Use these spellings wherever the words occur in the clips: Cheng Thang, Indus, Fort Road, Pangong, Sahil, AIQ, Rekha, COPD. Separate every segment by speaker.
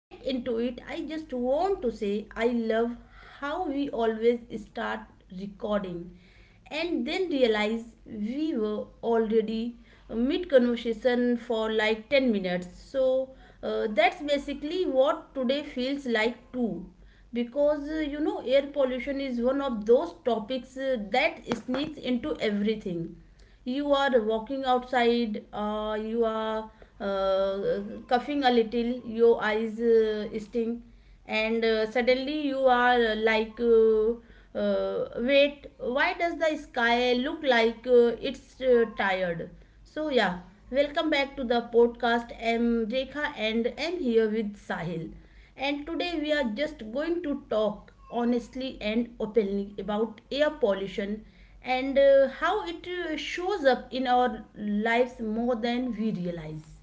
Speaker 1: get into it, I just want to say I love how we always start recording and then realize we were already mid conversation for like 10 minutes. So that's basically what today feels like too. Because you know, air pollution is one of those topics that sneaks into everything. You are walking outside, you are uh, coughing a little, your eyes sting, and suddenly you are wait, why does the sky look like it's tired? So yeah, welcome back to the podcast. I'm Rekha and I'm here with Sahil, and today we are just going to talk honestly and openly about air pollution and how it shows up in our lives more than we realize.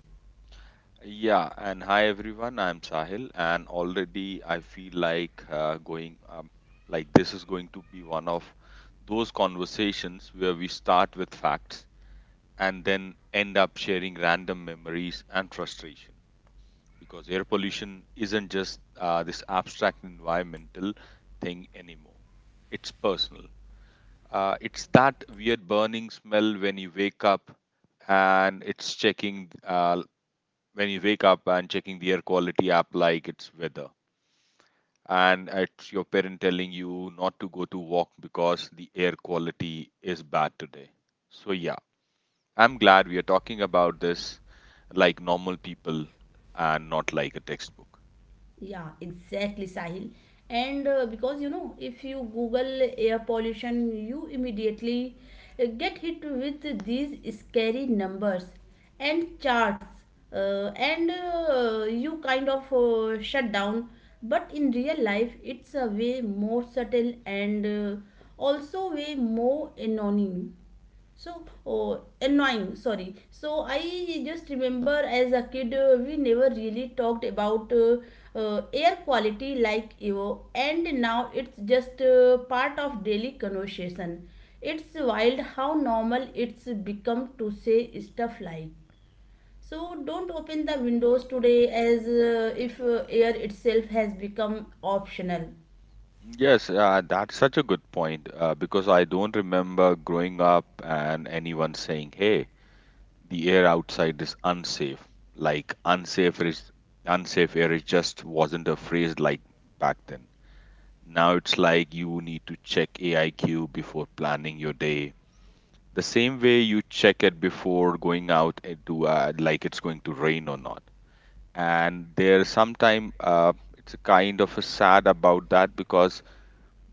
Speaker 2: Yeah, and hi everyone. I'm Sahil, and already I feel like like this is going to be one of those conversations where we start with facts and then end up sharing random memories and frustration. Because air pollution isn't just this abstract environmental thing anymore, it's personal. It's that weird burning smell when you wake up, and it's checking when you wake up and checking the air quality app like it's weather. And it's your parent telling you not to go to walk because the air quality is bad today. So, yeah, I'm glad we are talking about this like normal people and not like a textbook.
Speaker 1: Yeah, exactly, Sahil. And because you know, if you Google air pollution, you immediately get hit with these scary numbers and charts, and you kind of shut down. But in real life, it's a way more subtle and also way more annoying. So, oh, annoying, sorry. So I just remember as a kid, we never really talked about air quality like you, and now it's just part of daily conversation. It's wild how normal it's become to say stuff like, so don't open the windows today, as if air itself has become optional.
Speaker 2: Yes, that's such a good point because I don't remember growing up and anyone saying, hey, the air outside is unsafe. Like unsafe air is just wasn't a phrase like back then. Now it's like you need to check AIQ before planning your day. The same way you check it before going out into like it's going to rain or not. And there's sometime it's a kind of a sad about that because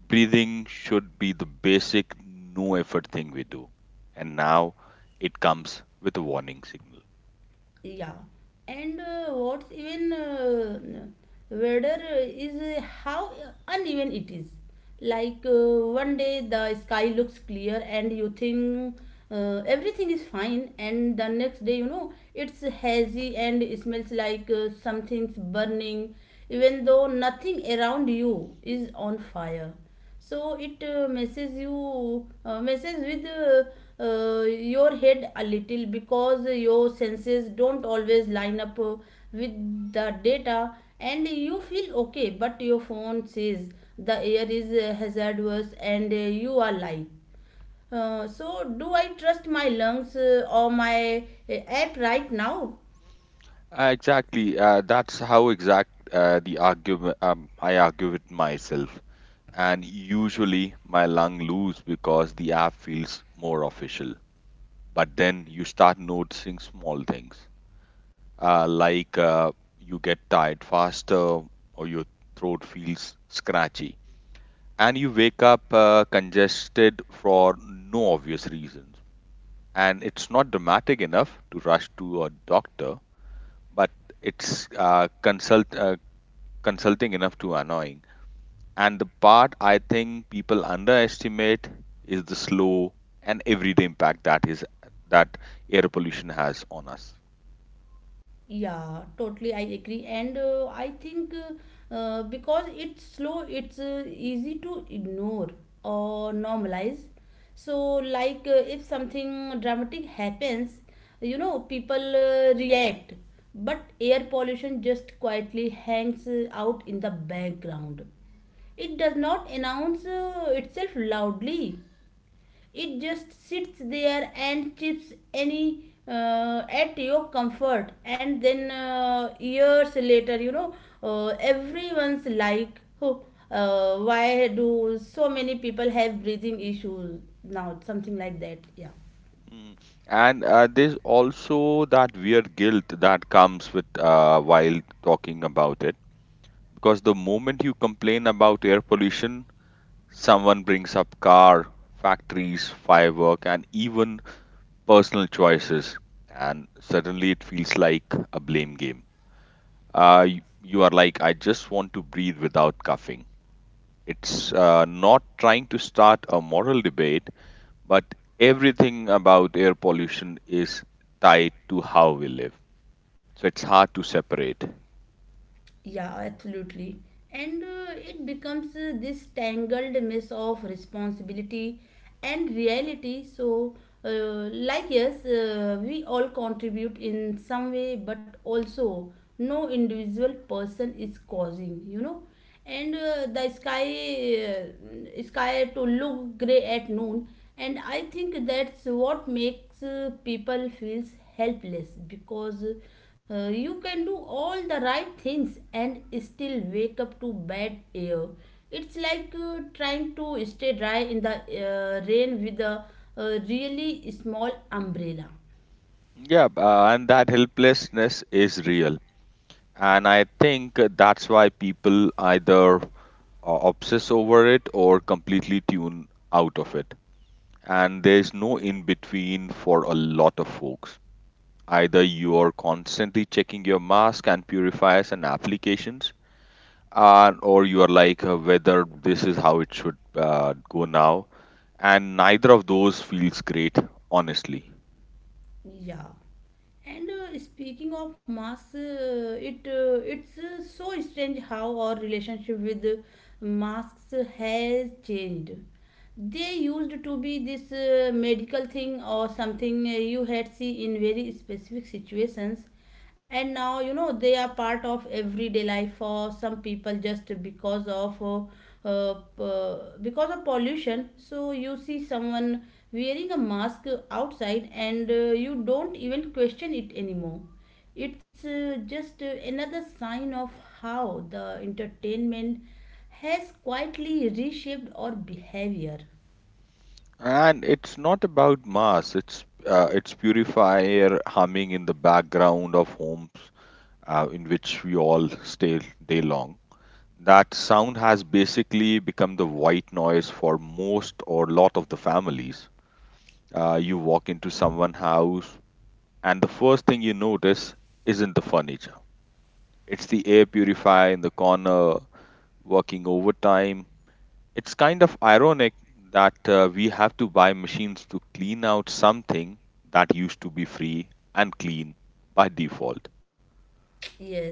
Speaker 2: breathing should be the basic no effort thing we do. And now it comes with a warning signal.
Speaker 1: Yeah. And what's even weather is how uneven it is. Like one day the sky looks clear and you think everything is fine, and the next day you know it's hazy and it smells like something's burning, even though nothing around you is on fire. So it messes with your head a little, because your senses don't always line up with the data. And you feel okay, but your phone says the air is hazardous, and you are lying. So do I trust my lungs or my app right now?
Speaker 2: Exactly. That's how exact the argument I argue with myself. And usually my lung lose because the app feels more official. But then you start noticing small things, like you get tired faster or your throat feels scratchy. And you wake up congested for no obvious reasons. And it's not dramatic enough to rush to a doctor, but it's consulting enough to annoying. And the part I think people underestimate is the slow and everyday impact that air pollution has on us.
Speaker 1: Yeah, totally. I agree. And I think because it's slow, it's easy to ignore or normalize. So, like, if something dramatic happens, you know, people react, but air pollution just quietly hangs out in the background. It does not announce itself loudly, it just sits there and chips any at your comfort. And then years later, you know, everyone's like, oh, why do so many people have breathing issues now? Something like that. Yeah.
Speaker 2: Mm. And there's also that weird guilt that comes with while talking about it, because the moment you complain about air pollution, someone brings up car, factories, firework, and even personal choices, and suddenly it feels like a blame game. You are like, I just want to breathe without coughing. It's not trying to start a moral debate, but everything about air pollution is tied to how we live. So it's hard to separate.
Speaker 1: Yeah, absolutely. And it becomes this tangled mess of responsibility and reality. So, uh, like, yes, we all contribute in some way, but also no individual person is causing, you know, and the sky sky to look gray at noon. And I think that's what makes people feels helpless, because you can do all the right things and still wake up to bad air. It's like trying to stay dry in the rain with a really small umbrella.
Speaker 2: And that helplessness is real. And I think that's why people either obsess over it or completely tune out of it. And there's no in between for a lot of folks. Either you are constantly checking your mask and purifiers and applications, and or you are like whether this is how it should go now. And neither of those feels great, honestly.
Speaker 1: Yeah. And speaking of masks, it's so strange how our relationship with masks has changed. They used to be this medical thing, or something you had see in very specific situations, and now you know they are part of everyday life for some people just because of because of pollution. So you see someone wearing a mask outside and you don't even question it anymore. It's just another sign of how the entertainment has quietly reshaped our behavior.
Speaker 2: And it's not about mass. It's purifier humming in the background of homes in which we all stay day long. That sound has basically become the white noise for most or lot of the families. You walk into someone's house, and the first thing you notice isn't the furniture. It's the air purifier in the corner working overtime. It's kind of ironic that we have to buy machines to clean out something that used to be free and clean by default.
Speaker 1: Yes,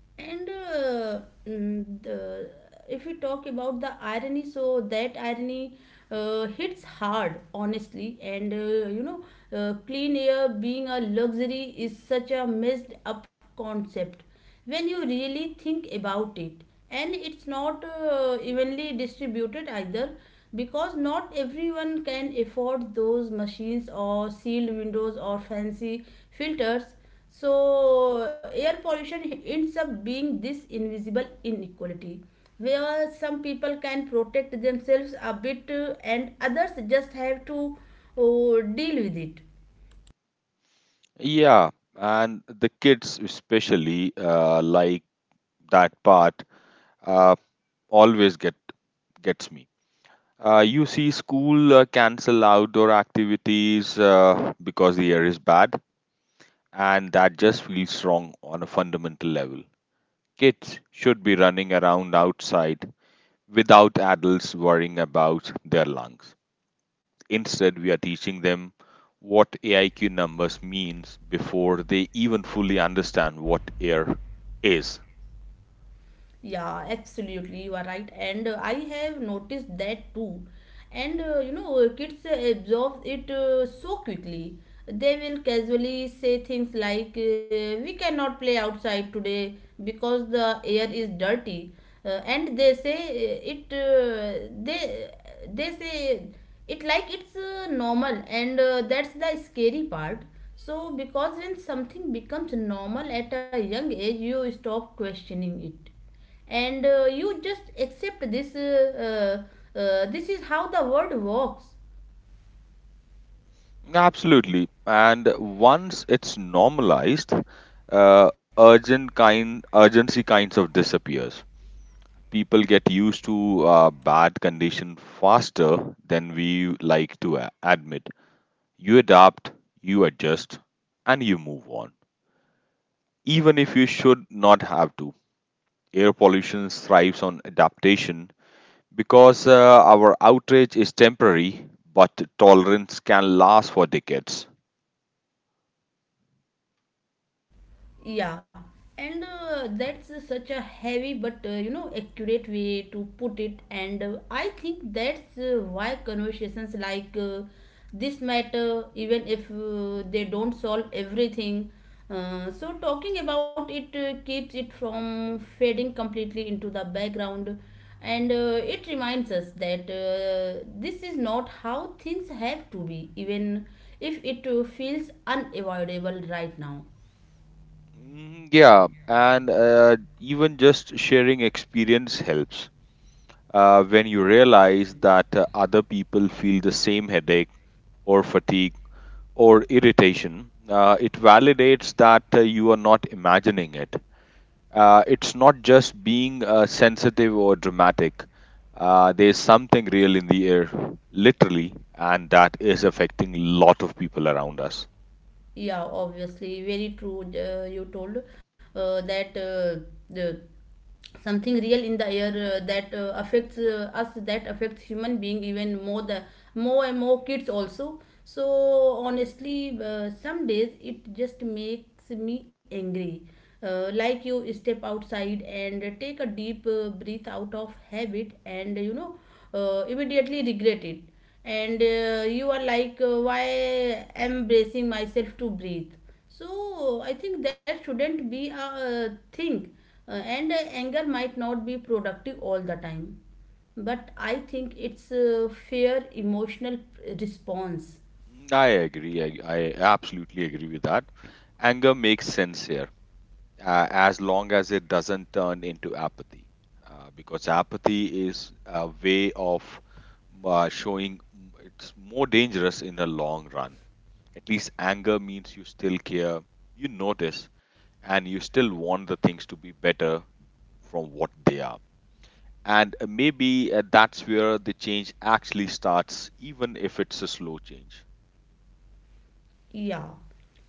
Speaker 1: and mm, the, if we talk about the irony, so that irony hits hard, honestly. And you know, clean air being a luxury is such a messed up concept when you really think about it. And it's not evenly distributed either, because not everyone can afford those machines or sealed windows or fancy filters. So air pollution ends up being this invisible inequality, where some people can protect themselves a bit and others just have to deal with it.
Speaker 2: Yeah, and the kids especially like that part uh, always get gets me. You see, school cancel outdoor activities because the air is bad, and that just feels wrong on a fundamental level. Kids should be running around outside without adults worrying about their lungs. Instead, we are teaching them what AIQ numbers means before they even fully understand what air is.
Speaker 1: Yeah, absolutely, you are right. And I have noticed that too. And you know, kids absorb it so quickly. They will casually say things like, we cannot play outside today because the air is dirty. And they say it, they say it like it's normal, and that's the scary part. So, because when something becomes normal at a young age, you stop questioning it, and you just accept this, this is how the world works.
Speaker 2: Absolutely. And once it's normalized, uh, urgent kind urgency kinds of disappears. People get used to bad condition faster than we like to admit. You adapt, you adjust, and you move on. Even if you should not have to. Air pollution thrives on adaptation because our outrage is temporary, but tolerance can last for decades.
Speaker 1: Yeah, and that's such a heavy but you know accurate way to put it, and I think that's why conversations like this matter, even if they don't solve everything. So talking about it keeps it from fading completely into the background, and it reminds us that this is not how things have to be, even if it feels unavoidable right now.
Speaker 2: Yeah, and even just sharing experience helps. When you realize that other people feel the same headache or fatigue or irritation, it validates that you are not imagining it. It's not just being sensitive or dramatic. There's something real in the air, literally, and that is affecting a lot of people around us.
Speaker 1: Yeah, obviously, very true. You told that the something real in the air that affects us, that affects human being, even more the more and more kids also. So honestly, some days it just makes me angry. Like you step outside and take a deep breath out of habit, and you know immediately regret it. And you are like, why am bracing myself to breathe? So I think that shouldn't be a thing. And Anger might not be productive all the time, but I think it's a fair emotional response.
Speaker 2: I agree. I absolutely agree with that. Anger makes sense here, as long as it doesn't turn into apathy, because apathy is a way of showing it's more dangerous in the long run. At least anger means you still care, you notice, and you still want the things to be better from what they are. And maybe that's where the change actually starts, even if it's a slow change.
Speaker 1: Yeah,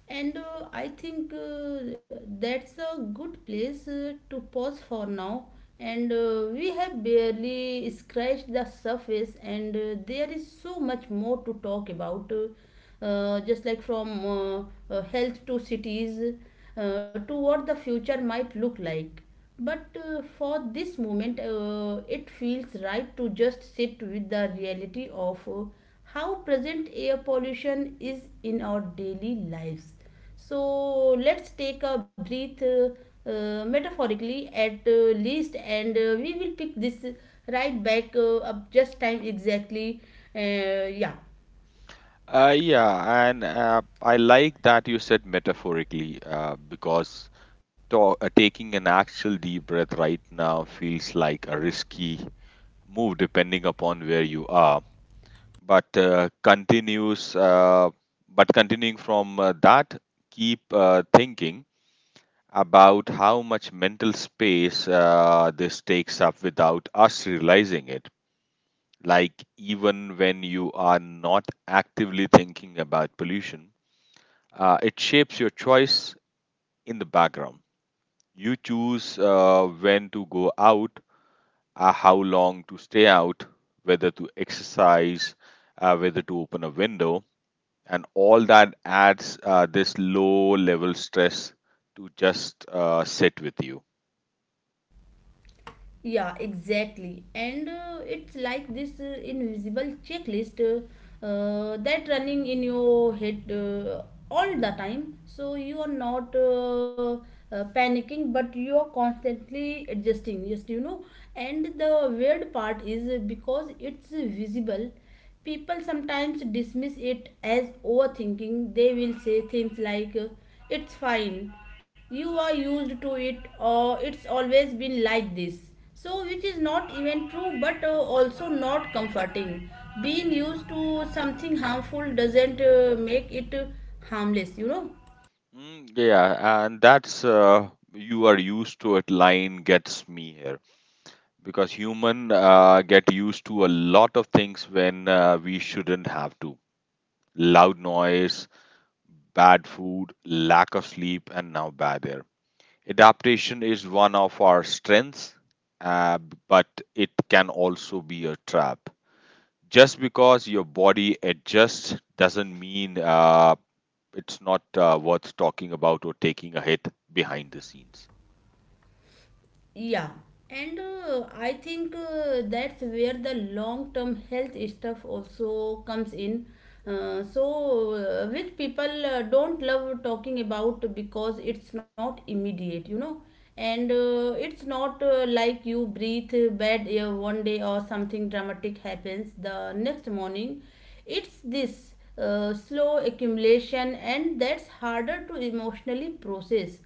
Speaker 1: and I think that's a good place to pause for now. And we have barely scratched the surface, and there is so much more to talk about. Just like from health to cities, to what the future might look like. But for this moment, it feels right to just sit with the reality of how present air pollution is in our daily lives. So let's take a breath, metaphorically at least, and we will pick this right back up just time exactly. Yeah.
Speaker 2: Yeah, and I like that you said metaphorically because taking an actual deep breath right now feels like a risky move depending upon where you are. But uh, continues, uh, but continuing from that, keep thinking about how much mental space this takes up without us realizing it. Like even when you are not actively thinking about pollution. It shapes your choice in the background. You choose when to go out, how long to stay out, whether to exercise, whether to open a window, and all that adds this low level stress to just sit with you.
Speaker 1: Yeah, exactly. And it's like this invisible checklist that running in your head all the time. So you are not panicking, but you are constantly adjusting. Yes, you know. And the weird part is because it's visible, people sometimes dismiss it as overthinking. They will say things like, "It's fine." You are used to it, or it's always been like this, so which is not even true, but also not comforting. Being used to something harmful doesn't make it harmless, you know.
Speaker 2: Yeah, and that's you are used to it. Line gets me here because human get used to a lot of things when we shouldn't have to. Loud noise, bad food, lack of sleep, and now bad air. Adaptation is one of our strengths, uh, but it can also be a trap. Just because your body adjusts doesn't mean it's not worth talking about or taking a hit behind the scenes.
Speaker 1: Yeah, and I think that's where the long term health stuff also comes in. Which people don't love talking about because it's not immediate, you know, and it's not like you breathe bad air one day or something dramatic happens the next morning. It's this slow accumulation, and that's harder to emotionally process.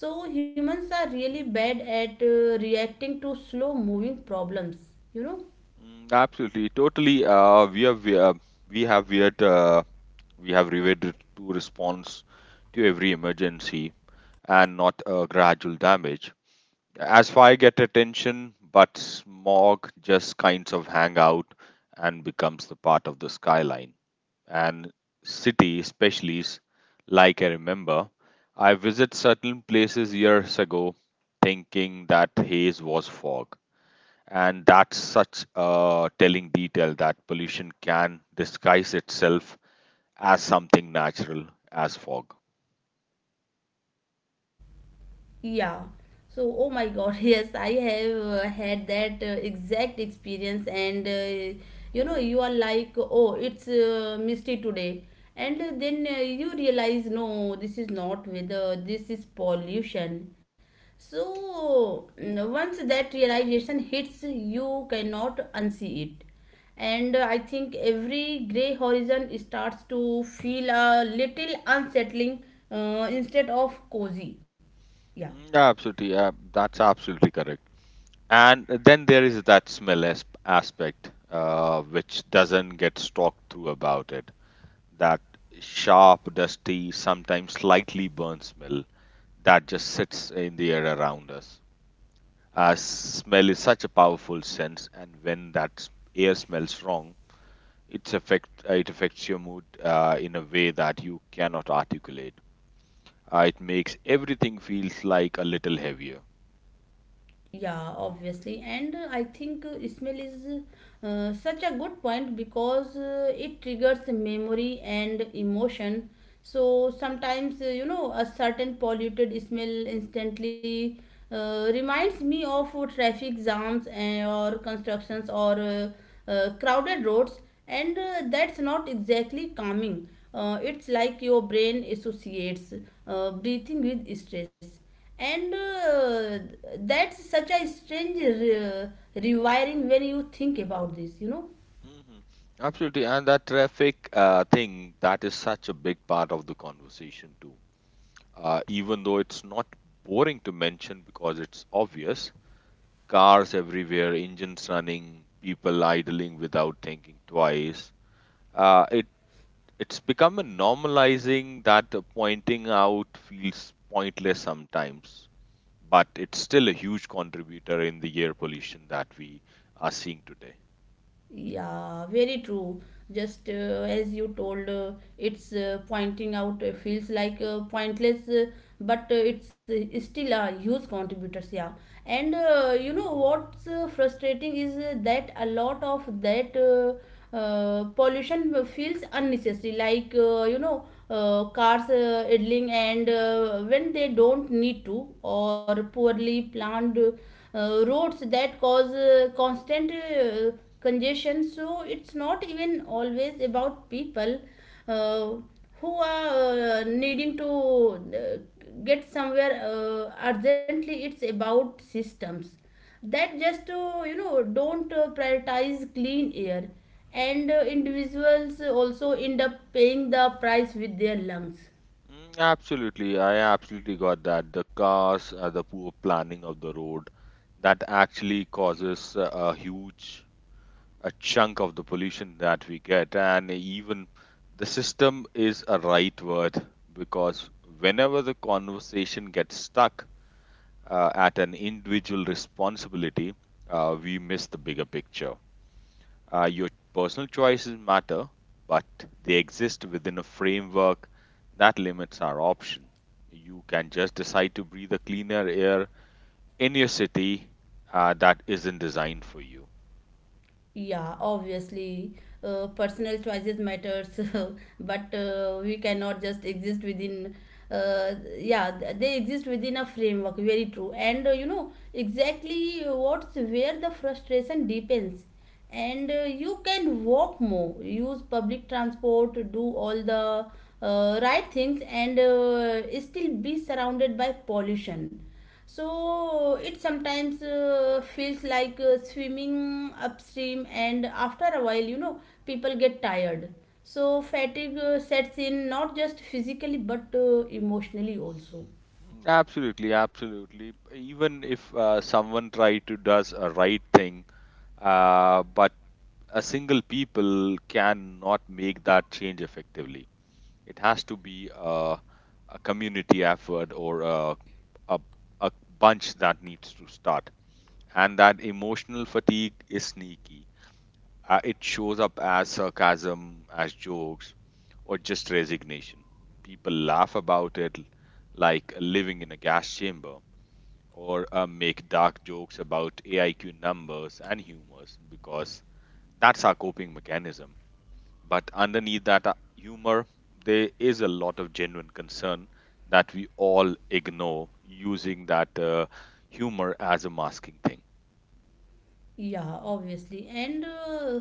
Speaker 1: So humans are really bad at reacting to slow moving problems, you know.
Speaker 2: Absolutely, totally. We have weird we have reverted to response to every emergency and not a gradual damage. As fire get attention, but smog just kinds of hang out and becomes the part of the skyline. And city, like I remember, I visit certain places years ago thinking that haze was fog. And that's such a telling detail that pollution can disguise itself as something natural as fog.
Speaker 1: Yeah. So, oh my God, yes, I have had that exact experience, and you know, you are like, oh, it's misty today, and then you realize, no, this is not weather, this is pollution. So, mm, once that realization hits, you cannot unsee it. And I think every gray horizon starts to feel a little unsettling instead of cozy. Yeah.
Speaker 2: Yeah, absolutely. Yeah, that's absolutely correct. And then there is that smell aspect, which doesn't get talked through about it. That sharp, dusty, sometimes slightly burnt smell that just sits in the air around us. As smell is such a powerful sense, and when air smells wrong, it affects your mood in a way that you cannot articulate. It makes everything feels like a little heavier.
Speaker 1: Yeah, obviously. And I think smell is such a good point because it triggers memory and emotion. So sometimes, you know, a certain polluted smell instantly reminds me of traffic jams and, or constructions or crowded roads, and that's not exactly calming. It's like your brain associates breathing with stress, and that's such a strange rewiring when you think about this, you know.
Speaker 2: Mhm. Absolutely, and that traffic thing that is such a big part of the conversation too. Even though it's not boring to mention because it's obvious, cars everywhere, engines running, people idling without thinking twice. It it's become a normalizing that pointing out feels pointless sometimes, but it's still a huge contributor in the air pollution that we are seeing today.
Speaker 1: Yeah, very true. Just as you told, it's pointing out feels like pointless, but it's still a huge contributors. Yeah, and you know what's frustrating is that a lot of that pollution feels unnecessary. Like you know, cars idling and when they don't need to, or poorly planned roads that cause constant. Congestion, so it's not even always about people uh, who are needing to get somewhere urgently. It's about systems that just to you know don't prioritize clean air, and individuals also end up paying the price with their lungs.
Speaker 2: Absolutely, I absolutely got that. The cars, the poor planning of the road, that actually causes a huge a chunk of the pollution that we get, and even the system is a right word because whenever the conversation gets stuck at an individual responsibility, we miss the bigger picture. Your personal choices matter, but they exist within a framework that limits our option. You can just decide to breathe a cleaner air in your city that isn't designed for you.
Speaker 1: Yeah, obviously, personal choices matters, but we cannot just exist within. Yeah, they exist within a framework. Very true, and you know exactly what's where the frustration deepens, and you can walk more, use public transport, do all the right things, and still be surrounded by pollution. So it sometimes feels like swimming upstream, and after a while, you know, people get tired. So fatigue sets in, not just physically but emotionally also.
Speaker 2: Absolutely, absolutely. Even if someone try to does a right thing, but a single people cannot make that change effectively. It has to be a community effort or a, a bunch that needs to start. And that emotional fatigue is sneaky. It shows up as sarcasm, as jokes, or just resignation. People laugh about it like living in a gas chamber or make dark jokes about AIQ numbers and humors because that's our coping mechanism. But underneath that humor, there is a lot of genuine concern that we all ignore using that humor as a masking thing.
Speaker 1: Yeah, obviously. And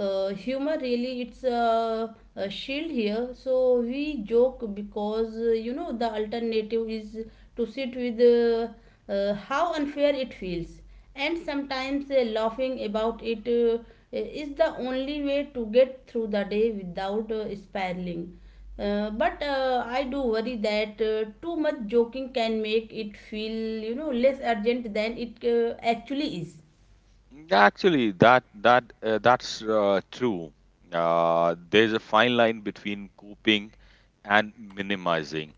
Speaker 1: Humor really, it's a shield here. So we joke because you know the alternative is to sit with how unfair it feels. And sometimes laughing about it is the only way to get through the day without spiraling. But I do worry that too much joking can make it feel, you know, less urgent than it actually is.
Speaker 2: Actually, that that That's true. There's a fine line between coping and minimizing,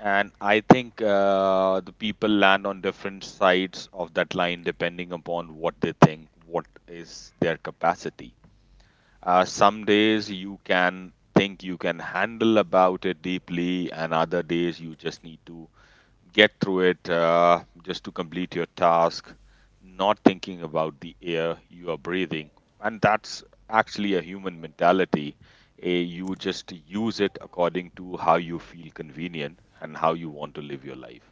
Speaker 2: and I think the people land on different sides of that line depending upon what they think, what is their capacity. Some days you can think you can handle about it deeply, and other days you just need to get through it just to complete your task, not thinking about the air you are breathing. And that's actually a human mentality. Eh, you just use it according to how you feel convenient and how you want to live your life.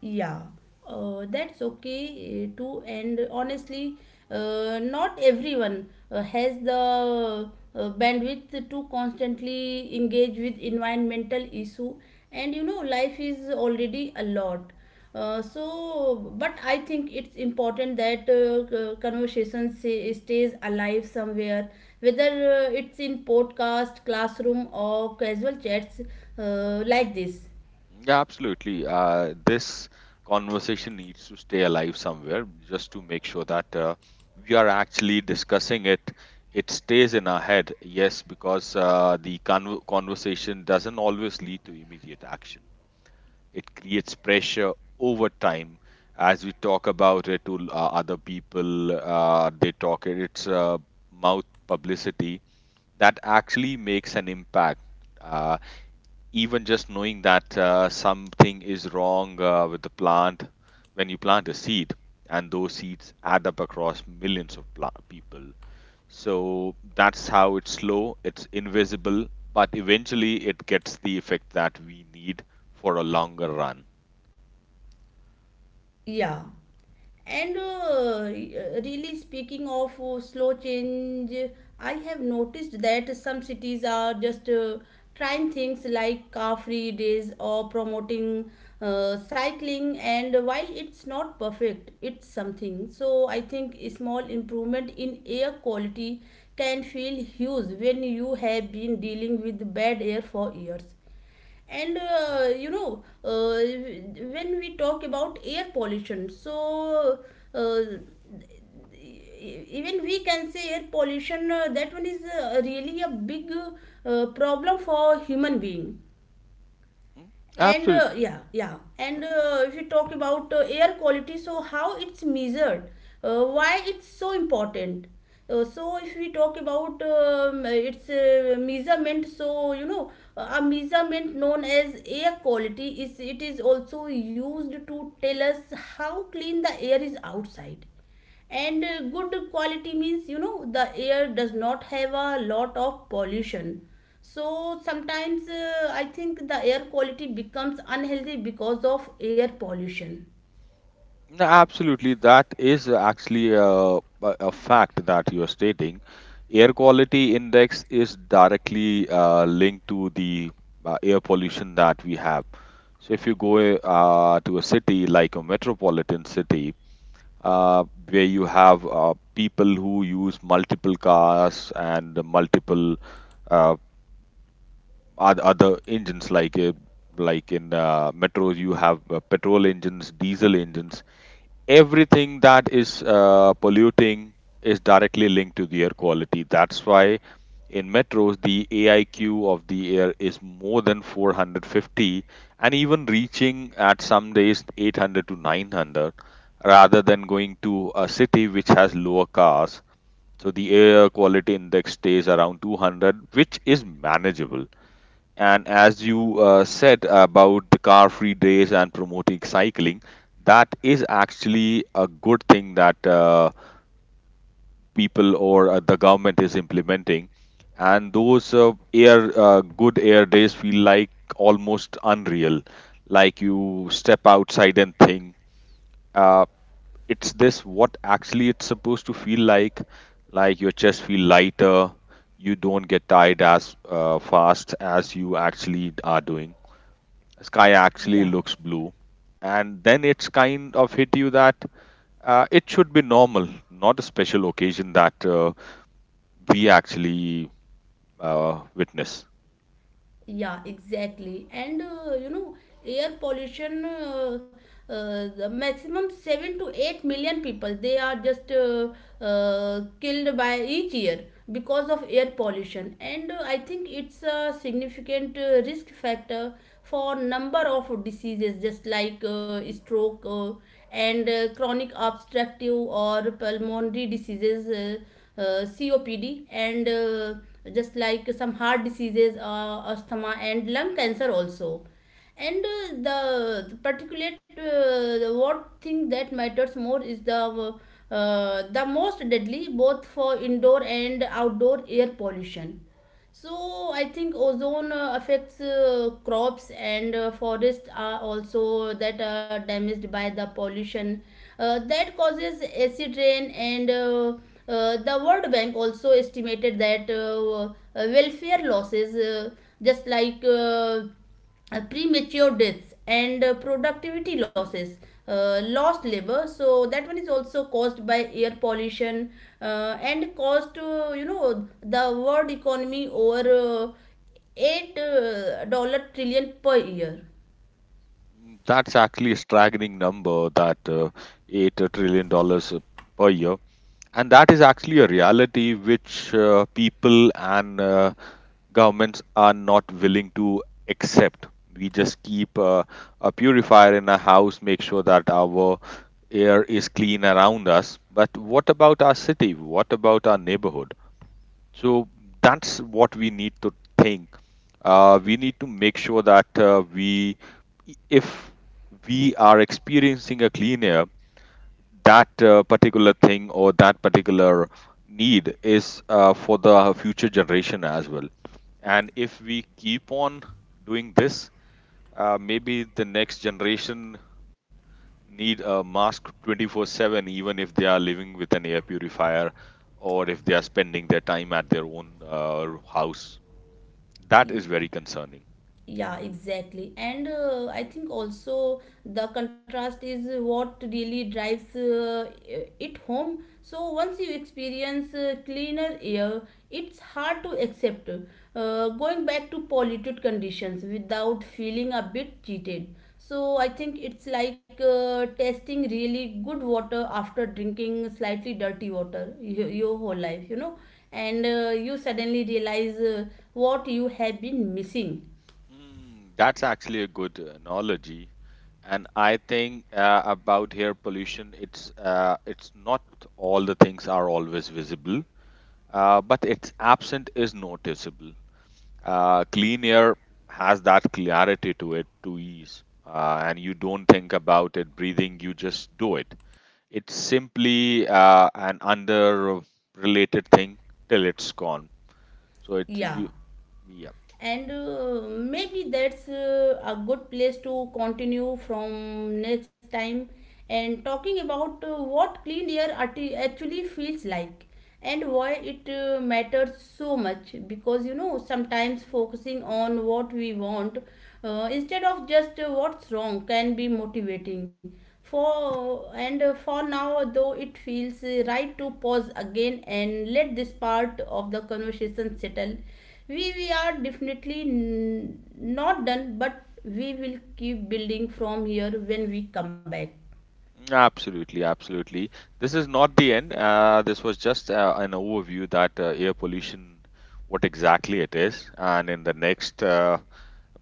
Speaker 1: Yeah, that's okay too. And honestly, not everyone has the bandwidth to constantly engage with environmental issue. And you know, life is already a lot. So but I think it's important that conversation say, stays alive somewhere, whether it's in podcast, classroom, or casual chats like this.
Speaker 2: Yeah, absolutely. This conversation needs to stay alive somewhere just to make sure that we are actually discussing it. It stays in our head, yes, because conversation doesn't always lead to immediate action. It creates pressure over time as we talk about it to other people. They talk it. It's mouth publicity that actually makes an impact. Uh, Even just knowing that something is wrong with the plant when you plant a seed, and those seeds add up across millions of people. So that's how it's slow, it's invisible, but eventually it gets the effect that we need for a longer run.
Speaker 1: Yeah. And really, speaking of slow change, I have noticed that some cities are just trying things like car free days or promoting cycling. And while it's not perfect, it's something. So I think a small improvement in air quality can feel huge when you have been dealing with bad air for years. And you know, when we talk about air pollution, so uh, even we can say air pollution, that one is really a big problem for human being.
Speaker 2: Mm,
Speaker 1: And
Speaker 2: absolutely.
Speaker 1: yeah, yeah. And if you talk about air quality, so how it's measured, why it's so important, so if we talk about its measurement, so you know, a measurement known as air quality, is it is also used to tell us how clean the air is outside. And good quality means, you know, the air does not have a lot of pollution. So sometimes I think the air quality becomes unhealthy because of air pollution.
Speaker 2: No, absolutely, that is actually a fact that you are stating. Air quality index is directly linked to the air pollution that we have. So, if you go to a city like a metropolitan city, uh, where you have people who use multiple cars and multiple uh, other engines, like in metros, you have petrol engines, diesel engines, everything that is polluting is directly linked to the air quality. That's why in metros, the AIQ of the air is more than 450, and even reaching at some days 800 to 900, rather than going to a city which has lower cars. So the air quality index stays around 200, which is manageable. And as you said about the car free days and promoting cycling, that is actually a good thing that people or the government is implementing. And those air good air days feel like almost unreal. Like you step outside and think, uh, it's this what actually it's supposed to feel like. Like your chest feel lighter. You don't get tired as fast as you actually are doing, sky actually
Speaker 1: Yeah.
Speaker 2: looks blue, and then it's kind of hit you that it should be normal, not a special occasion that we actually witness.
Speaker 1: Yeah, exactly. And you know, air pollution, the maximum 7 to 8 million people, they are just killed by each year because of air pollution. And I think it's a significant risk factor for number of diseases, just like stroke, and chronic obstructive or pulmonary diseases, copd, and just like some heart diseases, asthma, and lung cancer also. And the particulate, the what thing that matters more is the most deadly, both for indoor and outdoor air pollution. So I think ozone affects crops, and forests are also that are damaged by the pollution that causes acid rain. And the world bank also estimated that welfare losses, just like premature deaths, and productivity losses, lost labor, so that one is also caused by air pollution, and caused to, you know, the world economy over 8 dollar trillion per year.
Speaker 2: That's actually a staggering number, that 8 trillion dollars per year, and that is actually a reality which people and governments are not willing to accept. We just keep a purifier in our house, make sure that our air is clean around us, but what about our city? What about our neighborhood? So that's what we need to think. We need to make sure that if we are experiencing a clean air, that particular thing or that particular need is for the future generation as well. And if we keep on doing this, maybe the next generation need a mask 24/7, even if they are living with an air purifier or if they are spending their time at their own house. That is very concerning.
Speaker 1: Yeah, exactly. And I think also the contrast is what really drives it home. So once you experience cleaner air, it's hard to accept going back to polluted conditions without feeling a bit cheated. So I think it's like tasting really good water after drinking slightly dirty water your whole life, you know. And you suddenly realize what you have been missing.
Speaker 2: Hmm, that's actually a good analogy. And I think about air pollution, it's not all the things are always visible, but its absent is noticeable. Clean air has that clarity to it, to ease, and you don't think about it breathing, you just do it. It's simply an under related thing till it's gone. So it's
Speaker 1: Yeah,
Speaker 2: you, yeah,
Speaker 1: and maybe that's a good place to continue from next time, and talking about what clean air actually feels like, and why it matters so much. Because you know, sometimes focusing on what we want, instead of just what's wrong, can be motivating for. And for now though, it feels right to pause again and let this part of the conversation settle. We are definitely not done, but we will keep building from here when we come back.
Speaker 2: absolutely, absolutely. This is not the end. This was just an overview that air pollution, what exactly it is, and in the next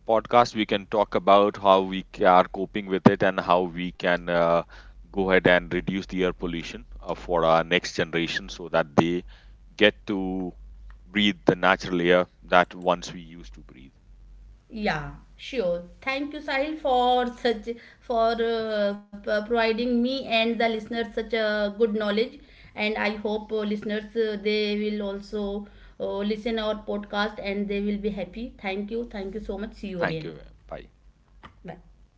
Speaker 2: podcast, we can talk about how are coping with it and how we can go ahead and reduce the air pollution for our next generation so that they get to breathe the natural air that once we used to breathe.
Speaker 1: Yeah, sure. Thank you, Sahil, for such, for providing me and the listeners such a good knowledge. And I hope listeners, they will also listen our podcast and they will be happy. Thank you. Thank you so much. See you
Speaker 2: Thank
Speaker 1: again.
Speaker 2: you. Bye.
Speaker 1: Bye.